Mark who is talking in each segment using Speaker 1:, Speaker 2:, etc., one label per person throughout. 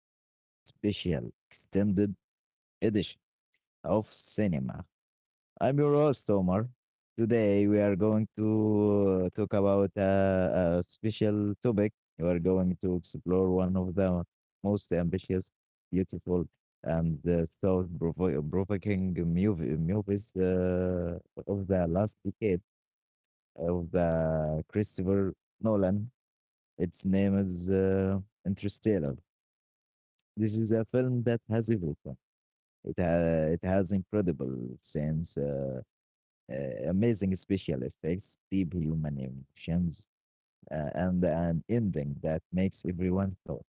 Speaker 1: to a very special extended edition of Cinema. I'm your host, Omar. Today, we are going to talk about a special topic. We are going to explore one of the most ambitious, beautiful, and provoking movies of the last decade of the Christopher Nolan. Its name is Interstellar. This is a film that has everything. It has incredible scenes, amazing special effects, deep human emotions, and an ending that makes everyone thought.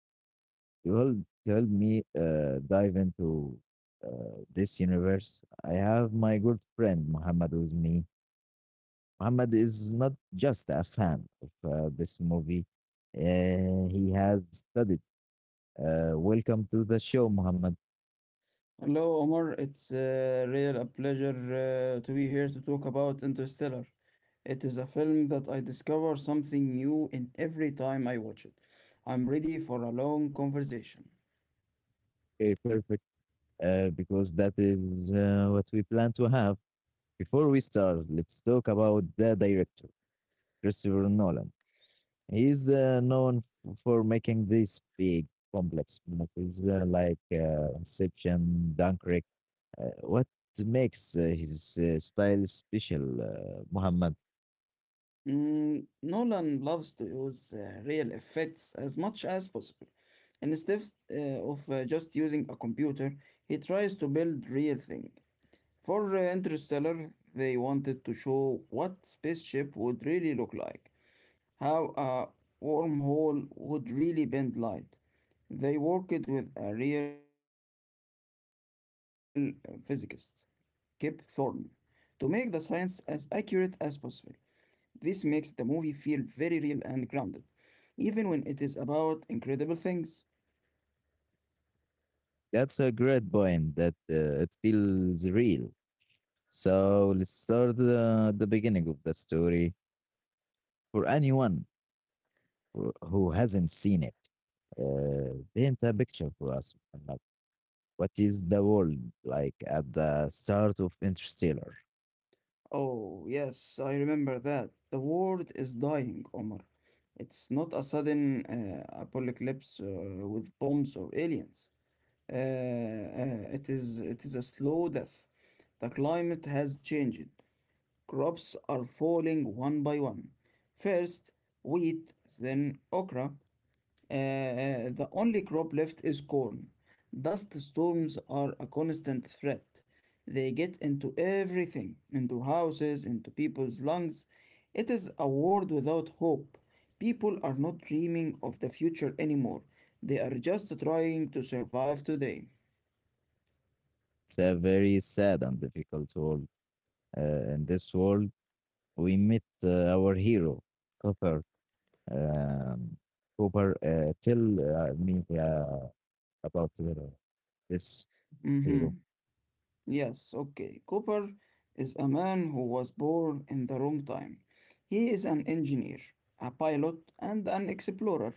Speaker 1: You will told me dive into this universe. I have my good friend Muhammad with me. Muhammad is not just a fan of this movie. He has studied. Welcome to the show, Muhammad.
Speaker 2: Hello, Omar. It's real a pleasure to be here to talk about Interstellar. It is a film that I discover something new in every time I watch it. I'm ready for a long conversation.
Speaker 1: A perfect because that is what we plan to have. Before we start, let's talk about the director, Christopher Nolan. He's known for making these big, complex movies like Inception, Dunkirk. What makes his style special, Muhammad?
Speaker 2: Mm, Nolan loves to use real effects as much as possible. Instead of just using a computer, he tries to build real thing. For Interstellar, they wanted to show what spaceship would really look like. How a wormhole would really bend light. They worked with a real physicist, Kip Thorne, to make the science as accurate as possible. This makes the movie feel very real and grounded, even when it is about incredible things.
Speaker 1: That's a great point that it feels real. So let's start the beginning of the story for anyone who hasn't seen it. Paint a picture for us. Muhammad. What is the world like at the start of Interstellar?
Speaker 2: Oh, yes, I remember that. The world is dying, Omar. It's not a sudden apocalypse with bombs or aliens. Uh, uh, it is a slow death. The climate has changed. Crops are falling one by one. First wheat, then okra. The only crop left is corn. Dust storms are a constant threat. They get into everything, into houses, into people's lungs. It is a world without hope. People are not dreaming of the future anymore. They are just trying to survive today.
Speaker 1: It's a very sad and difficult world. In this world, we meet our hero, Cooper. Um, Cooper, tell me about this hero
Speaker 2: hmm Yes, okay. Cooper is a man who was born in the wrong time. He is an engineer, a pilot, and an explorer.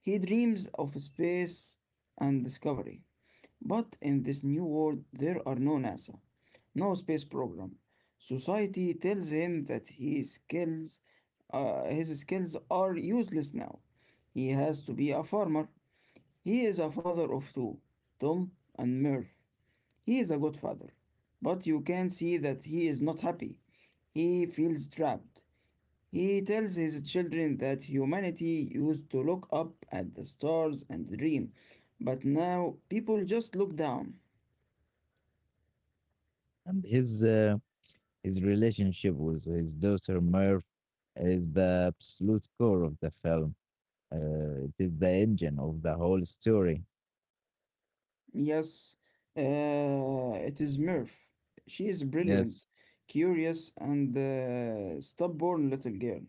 Speaker 2: He dreams of space and discovery. But in this new world, there are no NASA, no space program. Society tells him that his skills are useless now. He has to be a farmer. He is a father of two, Tom and Murph. He is a good father, but you can see that he is not happy. He feels trapped. He tells his children that humanity used to look up at the stars and dream, but now people just look down.
Speaker 1: and his relationship with his daughter Merv is the absolute core of the film. It is the engine of the whole story.
Speaker 2: Yes, it is Murph. She is
Speaker 1: Yes.
Speaker 2: brilliant, curious, and stubborn little girl.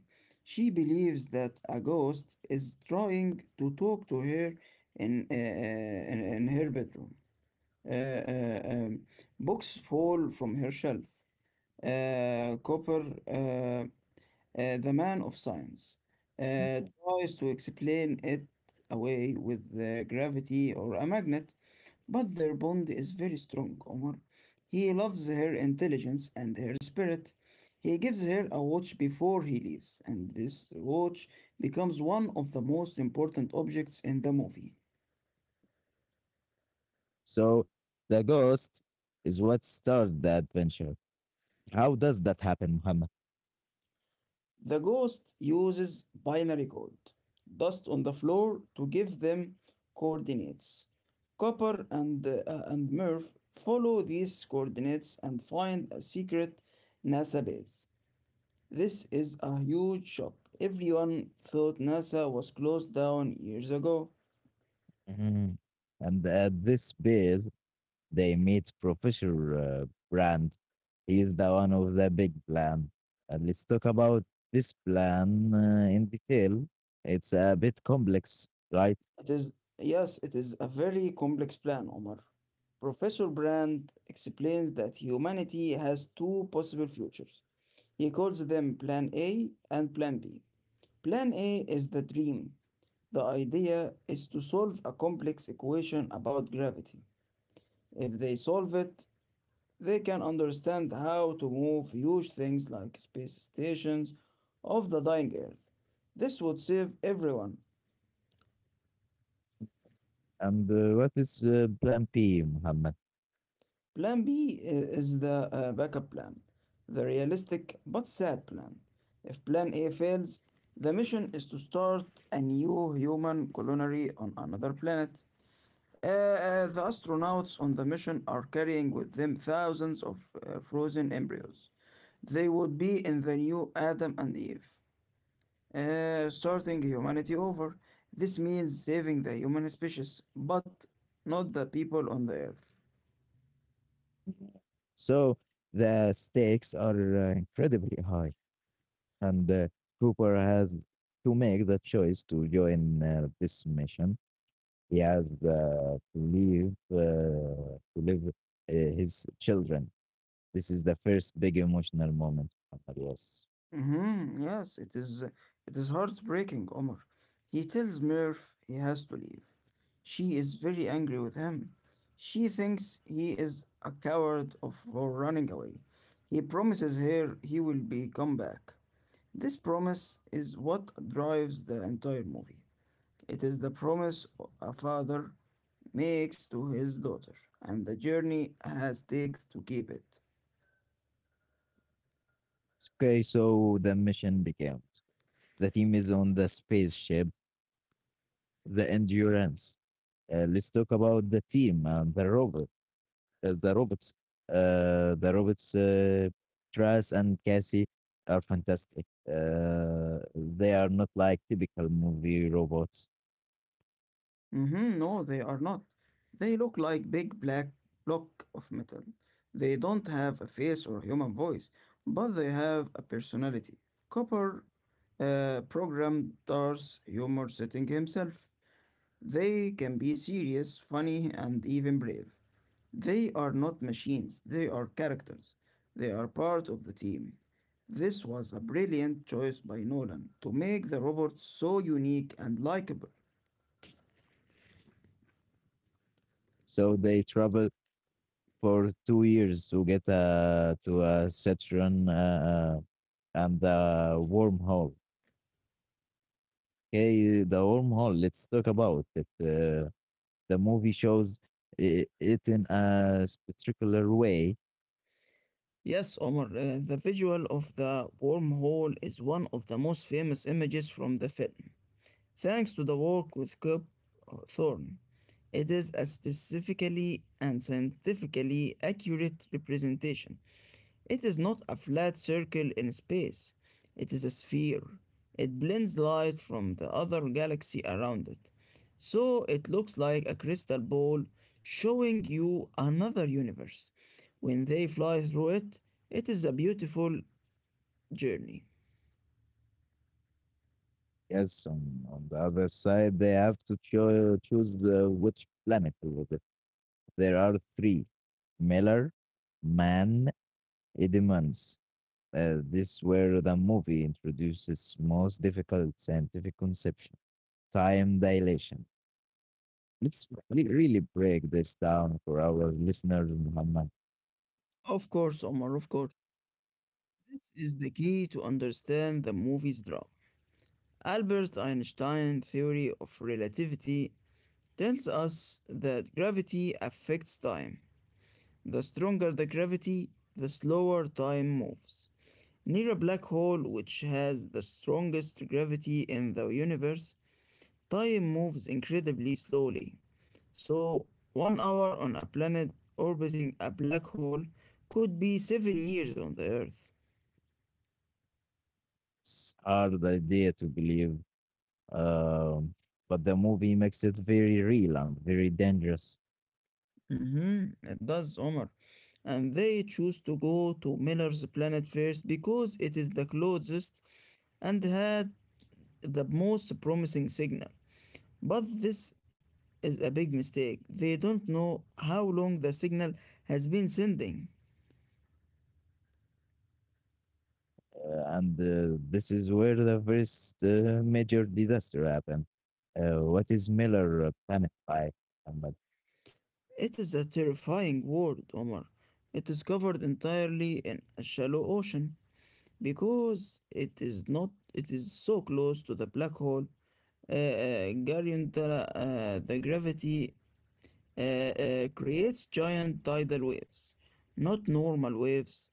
Speaker 2: She believes that a ghost is trying to talk to her in her bedroom. uh, uh, um, Books fall from her shelf. Cooper, the man of science,
Speaker 1: Mhm.
Speaker 2: tries to explain it away with the gravity or a magnet, but their bond is very strong, Omar. He loves her intelligence and her spirit. He gives her a watch before he leaves, and this watch becomes one of the most important objects in the movie.
Speaker 1: So the ghost is what started the adventure. How does that happen, Muhammad?
Speaker 2: The ghost uses binary code, dust on the floor, to give them coordinates. Copper and Murph follow these coordinates and find a secret NASA base. This is a huge shock. Everyone thought NASA was closed down years ago.
Speaker 1: Mhm. And at this base, they meet Professor Brand. He is the one of the big plan. And let's talk about this plan in detail. It's a bit complex, right?
Speaker 2: It is, yes, it is a very complex plan, Omar. Professor Brand explains that humanity has two possible futures. He calls them Plan A and Plan B. Plan A is the dream. The idea is to solve a complex equation about gravity. If they solve it, they can understand how to move huge things like space stations off the dying Earth. This would save everyone.
Speaker 1: And what is Plan P, Muhammad?
Speaker 2: Plan B is the backup plan, the realistic but sad plan. If Plan A fails, the mission is to start a new human colony on another planet. The astronauts on the mission are carrying with them thousands of frozen embryos. They would be in the new Adam and Eve, starting humanity over. This means saving the human species, but not the people on the Earth.
Speaker 1: So the stakes are incredibly high. And Cooper has to make the choice to join this mission. He has to leave his children. This is the first big emotional moment for Marius.
Speaker 2: Mm-hmm. Yes, it is. It is heartbreaking, Omar. He tells Murph he has to leave. She is very angry with him. She thinks he is a coward of, for running away. He promises her he will be come back. This promise is what drives the entire movie. It is the promise a father makes to his daughter, and the journey has takes to keep it.
Speaker 1: Okay, so the mission begins. The team is on the spaceship the endurance. Let's talk about the team and the robot, the robots. The robots, Tras and Cassie, are fantastic. They are not like typical movie robots.
Speaker 2: Mhm, no, they are not. They look like big black block of metal. They don't have a face or human voice, but they have a personality. Copper programmed Dar's humor setting himself. They can be serious, funny, and even brave. They are not machines, they are characters. They are part of the team. This was a brilliant choice by Nolan to make the robot so unique and likable.
Speaker 1: So they travel for 2 years to get to a Saturn and the wormhole. Okay, the wormhole. Let's talk about it. The movie shows it in a particular way.
Speaker 2: Yes, Omar, the visual of the wormhole is one of the most famous images from the film, thanks to the work with Kip Thorne. It is a specifically and scientifically accurate representation. It is not a flat circle in space, it is a sphere. It blends light from the other galaxy around it. So it looks like a crystal ball showing you another universe. When they fly through it, it is a beautiful journey.
Speaker 1: Yes, on the other side, they have to choose which planet was it. There are three: Miller, Man, Edmonds. This where the movie introduces most difficult scientific conception, time dilation. Let's really break this down for our listeners, Muhammad.
Speaker 2: Of course, Omar, of course. This is the key to understand the movie's drama. Albert Einstein's theory of relativity tells us that gravity affects time. The stronger the gravity, the slower time moves. Near a black hole, which has the strongest gravity in the universe, time moves incredibly slowly. So, 1 hour on a planet orbiting a black hole could be 7 years on the Earth.
Speaker 1: It's hard idea to believe. Um, but the movie makes it very real and very dangerous.
Speaker 2: Mm-hmm, it does, Omar. And they choose to go to Miller's planet first because it is the closest and had the most promising signal. But this is a big mistake. They don't know how long the signal has been sending.
Speaker 1: And this is where the first major disaster happened. What is Miller panicked by? But
Speaker 2: It is a terrifying world, Omar. It is covered entirely in a shallow ocean because it is not it is so close to the black hole. Gary Untala, the gravity uh, creates giant tidal waves, not normal waves,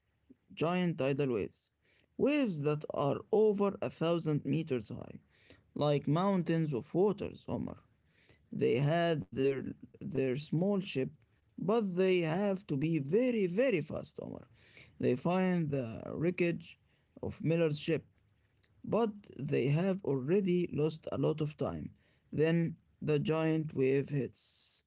Speaker 2: giant tidal waves, waves that are over 1,000 meters high, like mountains of waters, Omar. They their small ship, but they have to be very, very fast, Omar. They find the wreckage of Miller's ship, but they have already lost a lot of time. Then the giant wave hits.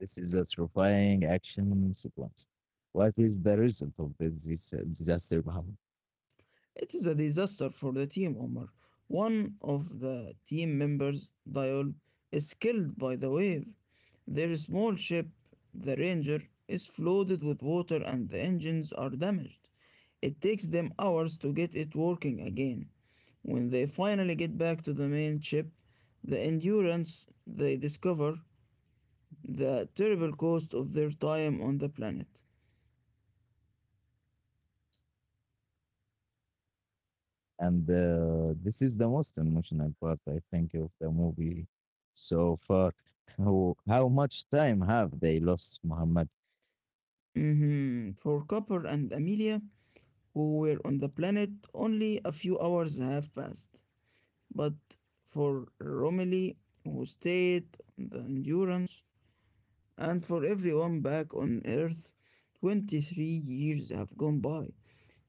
Speaker 1: This is a terrifying action sequence. What is the result of this, disaster? Mohammed?
Speaker 2: It is a disaster for the team, Omar. One of the team members, Dial, is killed by the wave. Their small ship, the Ranger, is flooded with water and the engines are damaged. It takes them hours to get it working again. When they finally get back to the main ship, the Endurance, they discover the terrible cost of their time on the planet.
Speaker 1: And this is the most emotional part, I think, of the movie so far. How much time have they lost, Muhammad?
Speaker 2: Mhm. For Copper and Amelia, who were on the planet only a few hours have passed. But for Romilly, who stayed on the Endurance, and for everyone back on Earth, 23 years have gone by.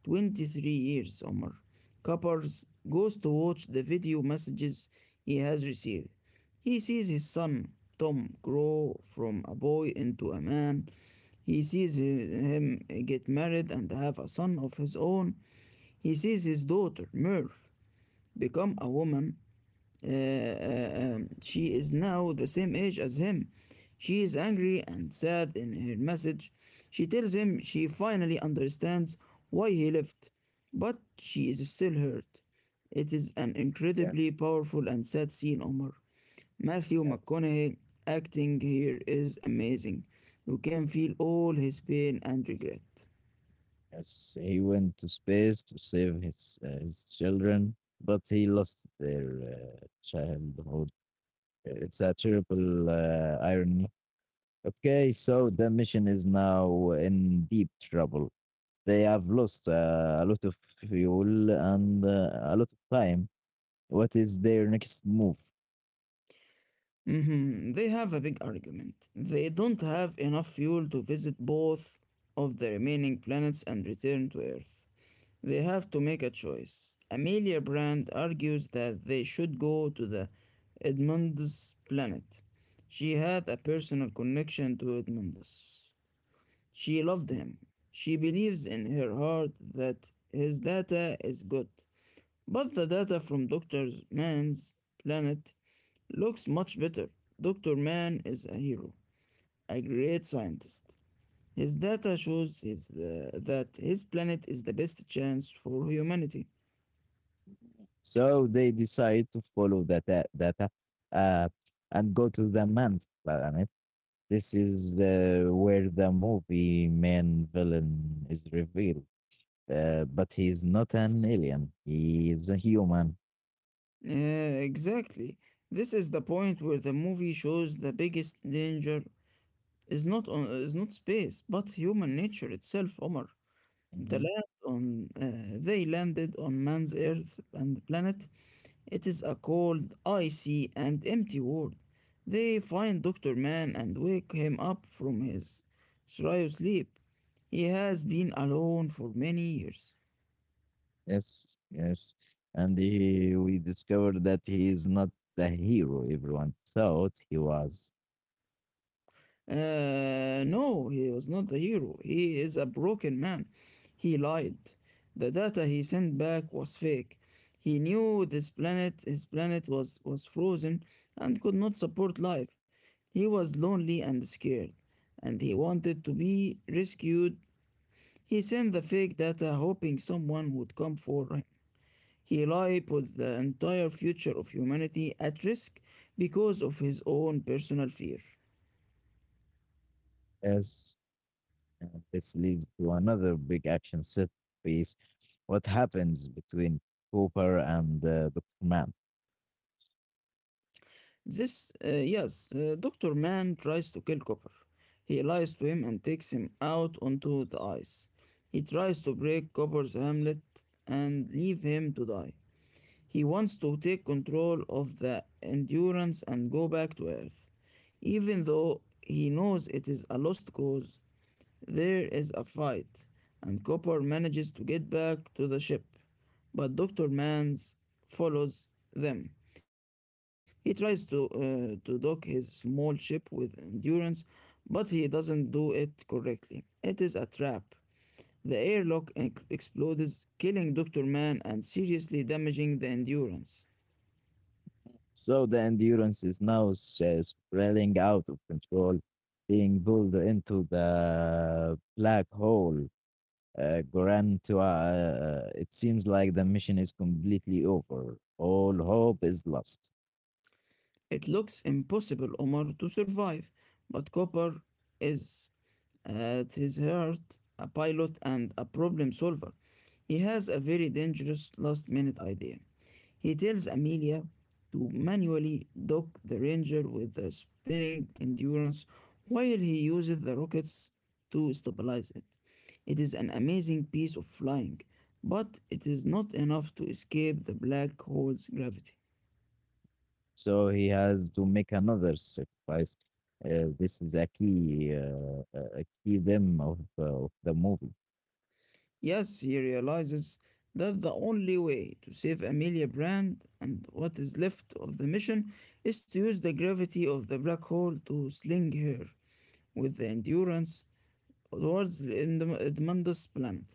Speaker 2: 23 years, Omar. Coppers goes to watch the video messages he has received. He sees his son, Tom, grow from a boy into a man. He sees him get married and have a son of his own. He sees his daughter, Murph, become a woman. She is now the same age as him. She is angry and sad in her message. She tells him she finally understands why he left, but she is still hurt. It is an incredibly
Speaker 1: Yes,
Speaker 2: powerful and sad scene, Omar. Matthew
Speaker 1: yes.
Speaker 2: McConaughey acting here is amazing. You can feel all his pain and regret.
Speaker 1: Yes, he went to space to save his children, but he lost their childhood. It's a terrible irony. Okay, so the mission is now in deep trouble. They have lost a lot of fuel and a lot of time. What is their next move?
Speaker 2: Mhm, they have a big argument. They don't have enough fuel to visit both of the remaining planets and return to Earth. They have to make a choice. Amelia Brand argues that they should go to the Edmundus planet. She had a personal connection to Edmundus. She loved him. She believes in her heart that his data is good. But the data from Dr. Man's planet looks much better. Dr. Man is a hero, a great scientist. His data shows that his planet is the best chance for humanity.
Speaker 1: So they decide to follow that data uh, and go to the man's planet. This is where the movie main villain is revealed. But he's not an alien. He is a human.
Speaker 2: Uh, exactly. This is the point where the movie shows the biggest danger is not space, but human nature itself, Omar.
Speaker 1: Mhm.
Speaker 2: They landed on man's Earth and planet. It is a cold, icy, and empty world. They find Dr. Man and wake him up from his shryo sleep. He has been alone for many years.
Speaker 1: Yes, yes. And he, we discovered that he is not the hero everyone thought he was.
Speaker 2: No, he was not the hero. He is a broken man. He lied. The data he sent back was fake. He knew this planet, his planet was frozen and could not support life. He was lonely and scared, and he wanted to be rescued. He sent the fake data hoping someone would come for him. He lied put the entire future of humanity at risk because of his own personal fear.
Speaker 1: Yes. And this leads to another big action set piece. What happens between Cooper and Dr. Mann?
Speaker 2: Yes, Dr. Mann tries to kill Copper. He lies to him and takes him out onto the ice. He tries to break Copper's hamlet and leave him to die. He wants to take control of the endurance and go back to Earth, even though he knows it is a lost cause. There is a fight, and Copper manages to get back to the ship, but Dr. Mans follows them. He tries to dock his small ship with endurance, but he doesn't do it correctly. It is a trap. The airlock explodes, killing Dr. Man and seriously damaging the endurance.
Speaker 1: So the endurance is now spreading out of control, being pulled into the black hole. Grantua, it seems like the mission is completely over. All hope is lost.
Speaker 2: It looks impossible, Omar, to survive, but Copper is. At his heart, a pilot and a problem solver, he has a very dangerous last minute idea. He tells Amelia to manually dock the Ranger with the spinning endurance while he uses the rockets to stabilize it. It is an amazing piece of flying, but it is not enough to escape the black hole's gravity.
Speaker 1: So he has to make another sacrifice. This is a key, a key them of the movie.
Speaker 2: Yes, he realizes that the only way to save Amelia Brand and what is left of the mission is to use the gravity of the black hole to sling her with the endurance towards in the Edmundus planet.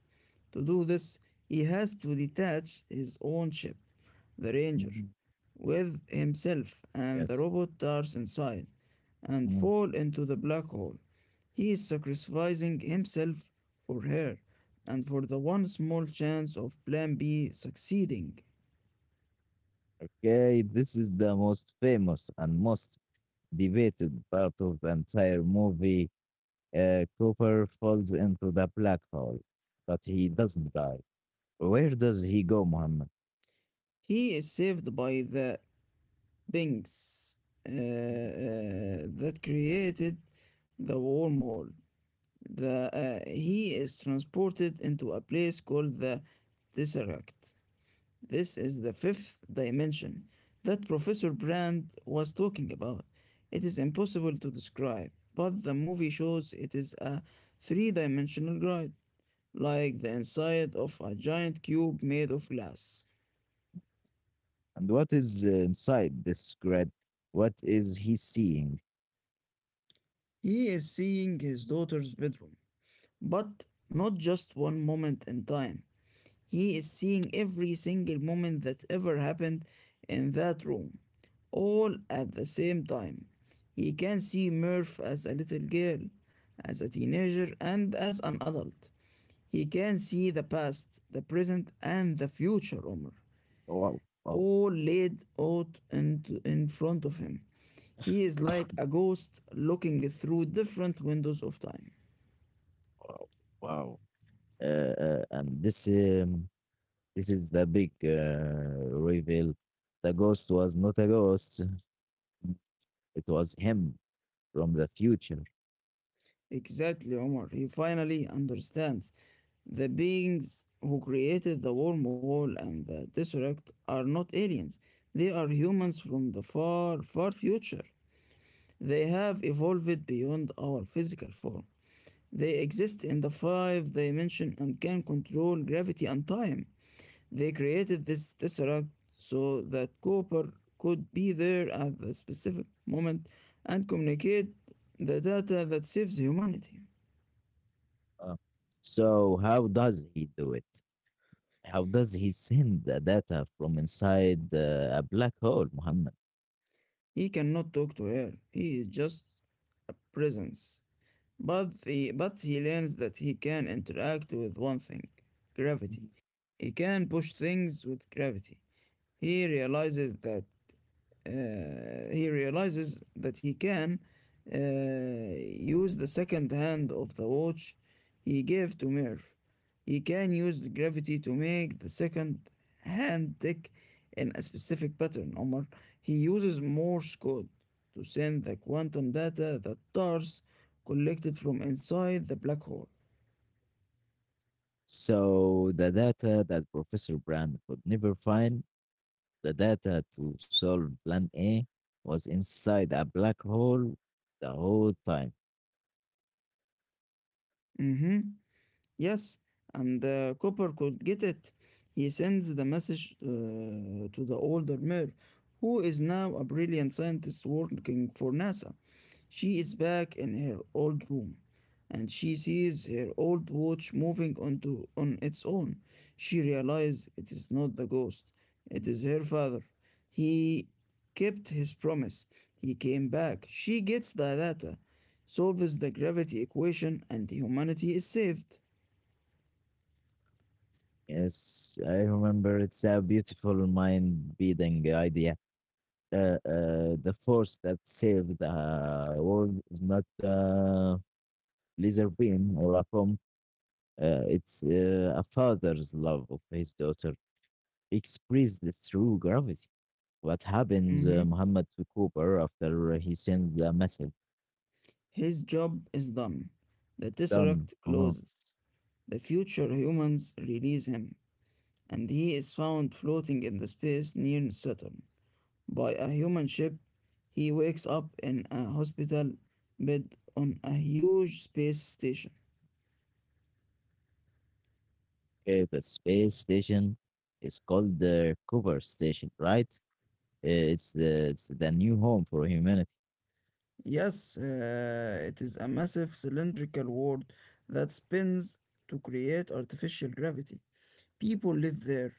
Speaker 2: To do this, he has to detach his own ship, the Ranger,
Speaker 1: Mhm.
Speaker 2: with himself and
Speaker 1: Yes.
Speaker 2: the robot Tars inside, and
Speaker 1: Mm.
Speaker 2: fall into the black hole. He is sacrificing himself for her and for the one small chance of Plan B succeeding.
Speaker 1: Okay, this is the most famous and most debated part of the entire movie. Cooper falls into the black hole, but he doesn't die. Where does he go, Muhammad?
Speaker 2: He is saved by the Binks uh, uh, that created the wormhole the he is transported into a place called the tesseract. This is the fifth dimension that Professor Brand was talking about. It is impossible to describe, but the movie shows it is a three-dimensional ride, like the inside of a giant cube made of glass.
Speaker 1: And what is inside this grid? What is he seeing?
Speaker 2: He is seeing his daughter's bedroom, but not just one moment in time. He is seeing every single moment that ever happened in that room, all at the same time. He can see Murph as a little girl, as a teenager, and as an adult. He can see the past, the present, and the future, Omar,
Speaker 1: Wow, wow,
Speaker 2: all laid out in front of him. He is like a ghost looking through different windows of time.
Speaker 1: wow, wow. And this is the big reveal. The ghost was not a ghost, it was him from the future.
Speaker 2: Exactly, Omar. He finally understands. The beings who created the wormhole and the Tesseract are not aliens. They are humans from the far, far future. They have evolved beyond our physical form. They exist in the five dimension and can control gravity and time. They created this Tesseract so that Cooper could be there at the specific moment and communicate the data that saves humanity.
Speaker 1: Uh, so, how does he do it? How does he send the data from inside a black hole, Muhammad?
Speaker 2: He cannot talk to her. He is just a presence. But he learns that he can interact with one thing, gravity.
Speaker 1: Mhm.
Speaker 2: He can push things with gravity. He realizes that he realizes that he can use the second hand of the watch he gave to Merv. He can use the gravity to make the second hand tick in a specific pattern, Omar. He uses Morse code to send the quantum data that TARS collected from inside the black hole.
Speaker 1: So the data that Professor Brand could never find, the data to solve Plan A, was inside a black hole the whole time.
Speaker 2: Mhm. Yes, and the copper could get it. He sends the message to the older Mir, who is now a brilliant scientist working for NASA. She is back in her old room, and she sees her old watch moving onto on its own. She realizes it is not the ghost; it is her father. He kept his promise. He came back. She gets the data, solves the gravity equation, and humanity is saved.
Speaker 1: Yes, I remember. It's a beautiful mind-beating idea. The force that saved the world is not a laser beam or a bomb. It's a father's love of his daughter express the true gravity. What happens,
Speaker 2: Mhm.
Speaker 1: Muhammad, to Cooper after he sends the message?
Speaker 2: His job is done. The
Speaker 1: Done.
Speaker 2: Tesseract
Speaker 1: Uh-huh.
Speaker 2: closes. The future humans release him, and he is found floating in the space near Saturn by a human ship. He wakes up in a hospital bed on a huge space station.
Speaker 1: Okay, the space station is called the Cooper Station, right? Uh, it's the new home for humanity.
Speaker 2: Yes, it is a massive cylindrical world that spins to create artificial gravity. People live there,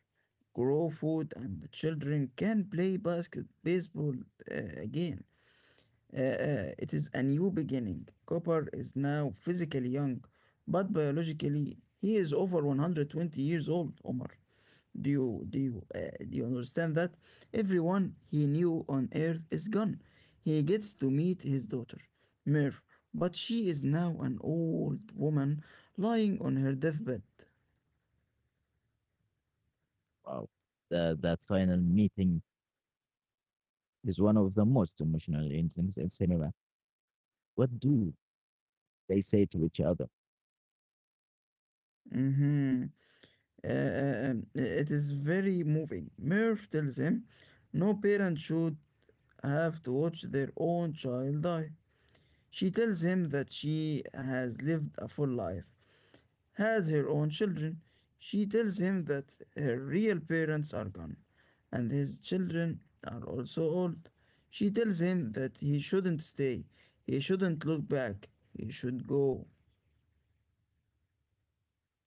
Speaker 2: grow food, and the children can play basket baseball again. It is a new beginning. Copper is now physically young, but biologically he is over 120 years old. Omar, do you do you uh, do you understand that? Everyone he knew on Earth is gone. He gets to meet his daughter, Merv, but she is now an old woman lying on her deathbed.
Speaker 1: Wow, the, that final meeting is one of the most emotional incidents in cinema. What do they say to each other?
Speaker 2: Mm-hmm. It is very moving. Murph tells him no parent should have to watch their own child die. She tells him that she has lived a full life, has her own children. She tells him that her real parents are gone, and his children are also old. She tells him that he shouldn't stay, he shouldn't look back, he should go.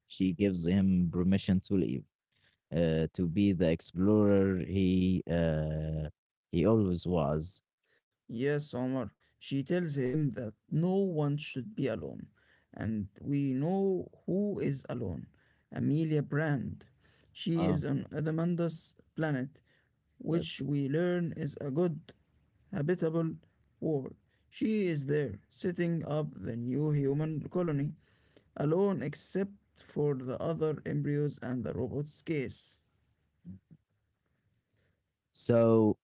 Speaker 1: She gives him permission to leave, to be the explorer he always was.
Speaker 2: Yes, Omar. She tells him that no one should be alone. And we know who is alone, Amelia Brand. She
Speaker 1: Uh,
Speaker 2: is on Adamanda's planet, which
Speaker 1: Yes.
Speaker 2: we learn is a good, habitable world. She is there, setting up the new human colony, alone except for the other embryos and the robot's case.
Speaker 1: So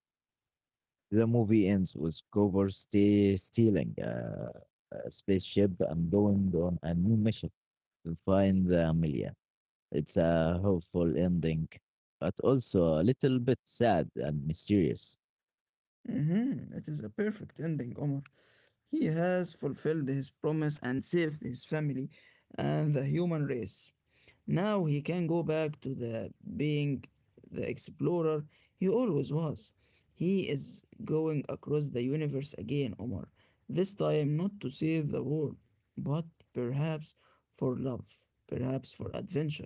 Speaker 1: the movie ends with Grover stealing a spaceship and going on a new mission to find the Amelia. It's a hopeful ending, but also a little bit sad and mysterious.
Speaker 2: Mm-hmm. It is a perfect ending, Omar. He has fulfilled his promise and saved his family and the human race. Now he can go back to the being the explorer he always was. He is going across the universe again, Omar. This time not to save the world, but perhaps for love, perhaps for adventure.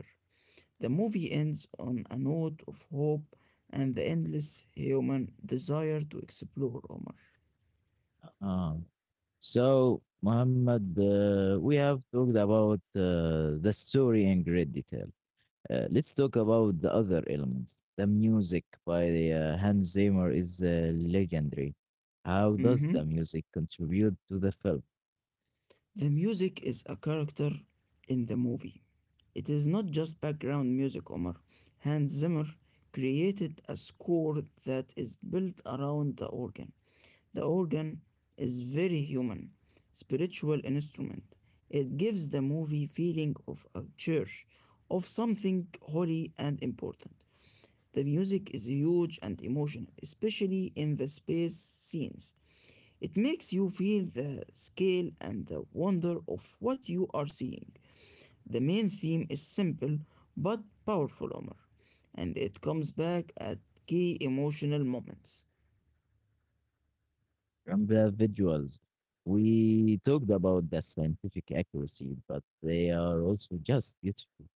Speaker 2: The movie ends on a note of hope and the endless human desire to explore, Omar.
Speaker 1: Uh, so, Muhammad, we have talked about the story in great detail. Let's talk about the other elements. The music by Hans Zimmer is legendary. How does the
Speaker 2: Mm-hmm.
Speaker 1: music contribute to the film
Speaker 2: The music is a character in the movie. It is not just background music, Omar. Hans Zimmer created a score that is built around the organ. The organ is very human, spiritual instrument. It gives the movie feeling of a church, of something holy and important. The music is huge and emotional, especially in the space scenes. It makes you feel the scale and the wonder of what you are seeing. The main theme is simple but powerful, Omar, and it comes back at key emotional moments.
Speaker 1: and the visuals? We talked about the scientific accuracy, but they are also just beautiful.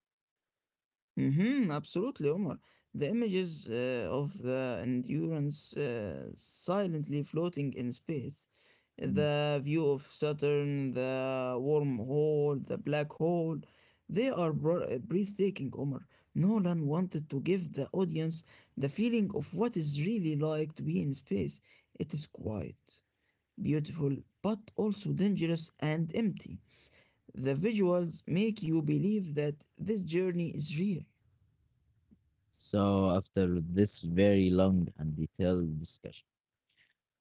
Speaker 2: Mhm, absolutely, Omar. The images of the Endurance silently floating in space,
Speaker 1: Mm.
Speaker 2: the view of Saturn, the wormhole, the black hole, they are breathtaking, Omar. Nolan wanted to give the audience the feeling of what is really like to be in space. It is quiet, beautiful, but also dangerous and empty. The visuals make you believe that this journey is real.
Speaker 1: So, after this very long and detailed discussion,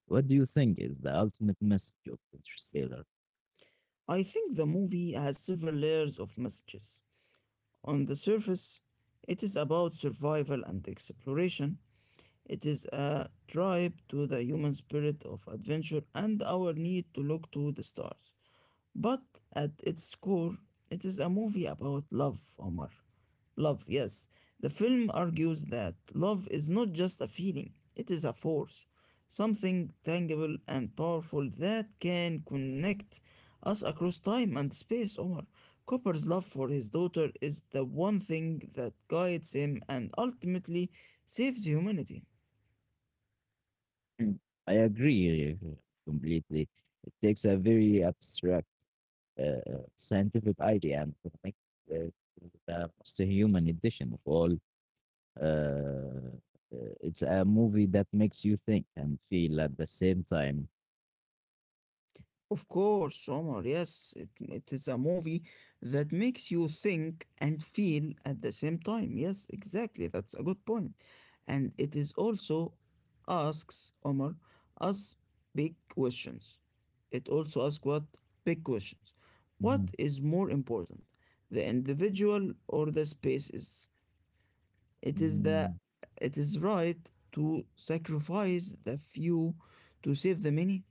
Speaker 1: what do you think is the ultimate message of Interstellar?
Speaker 2: I think the movie has several layers of messages. On the surface, it is about survival and exploration. It is a drive to the human spirit of adventure and our need to look to the stars. But at its core, it is a movie about love, Omar. Love, yes. The film argues that love is not just a feeling, it is a force, something tangible and powerful that can connect us across time and space, Omar. Copper's love for his daughter is the one thing that guides him and ultimately saves humanity.
Speaker 1: Mm. I agree completely. It takes a very abstract scientific idea and to make uh, the most human edition of all. Uh, it's a movie that makes you think and feel at the same time.
Speaker 2: Of course, Omar, yes, it is a movie that makes you think and feel at the same time. Yes, exactly, that's a good point. And it is also asks, Omar, us big questions. It also asks what? Big questions. What
Speaker 1: Mhm,
Speaker 2: is more important, the individual or the spaces? It is the
Speaker 1: mhm,
Speaker 2: it is right to sacrifice the few to save the many.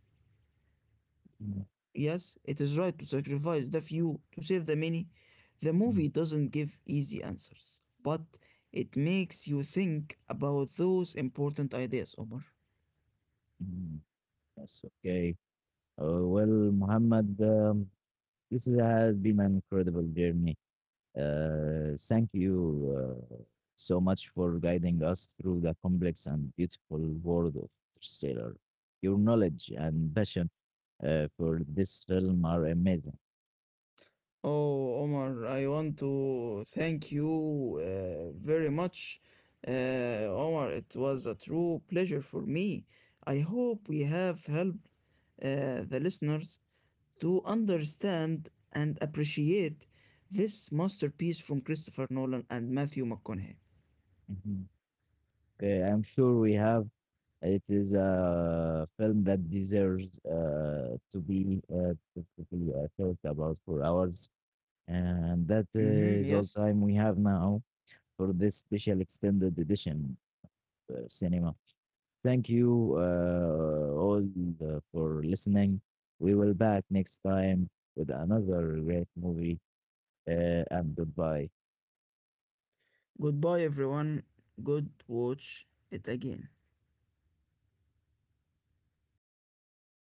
Speaker 1: mhm,
Speaker 2: Yes, it is right to sacrifice the few to save the many. The
Speaker 1: mhm,
Speaker 2: movie doesn't give easy answers, but it makes you think about those important ideas, Omar.
Speaker 1: mhm. Yes, okay. Well, Muhammad, this has been an incredible journey. Thank you so much for guiding us through the complex and beautiful world of Interstellar. Your knowledge and passion for this realm are amazing.
Speaker 2: Oh, Omar, I want to thank you very much. Omar, it was a true pleasure for me. I hope we have helped the listeners to understand and appreciate this masterpiece from Christopher Nolan and Matthew McConaughey.
Speaker 1: Mhm. Okay, I'm sure we have. It is a film that deserves to be talked about for hours, and that
Speaker 2: Hmm,
Speaker 1: is all
Speaker 2: yes.
Speaker 1: time we have now for this special extended edition cinema. Thank you all for listening. We will back next time with another great movie. And goodbye.
Speaker 2: Goodbye, everyone. Good watch it again.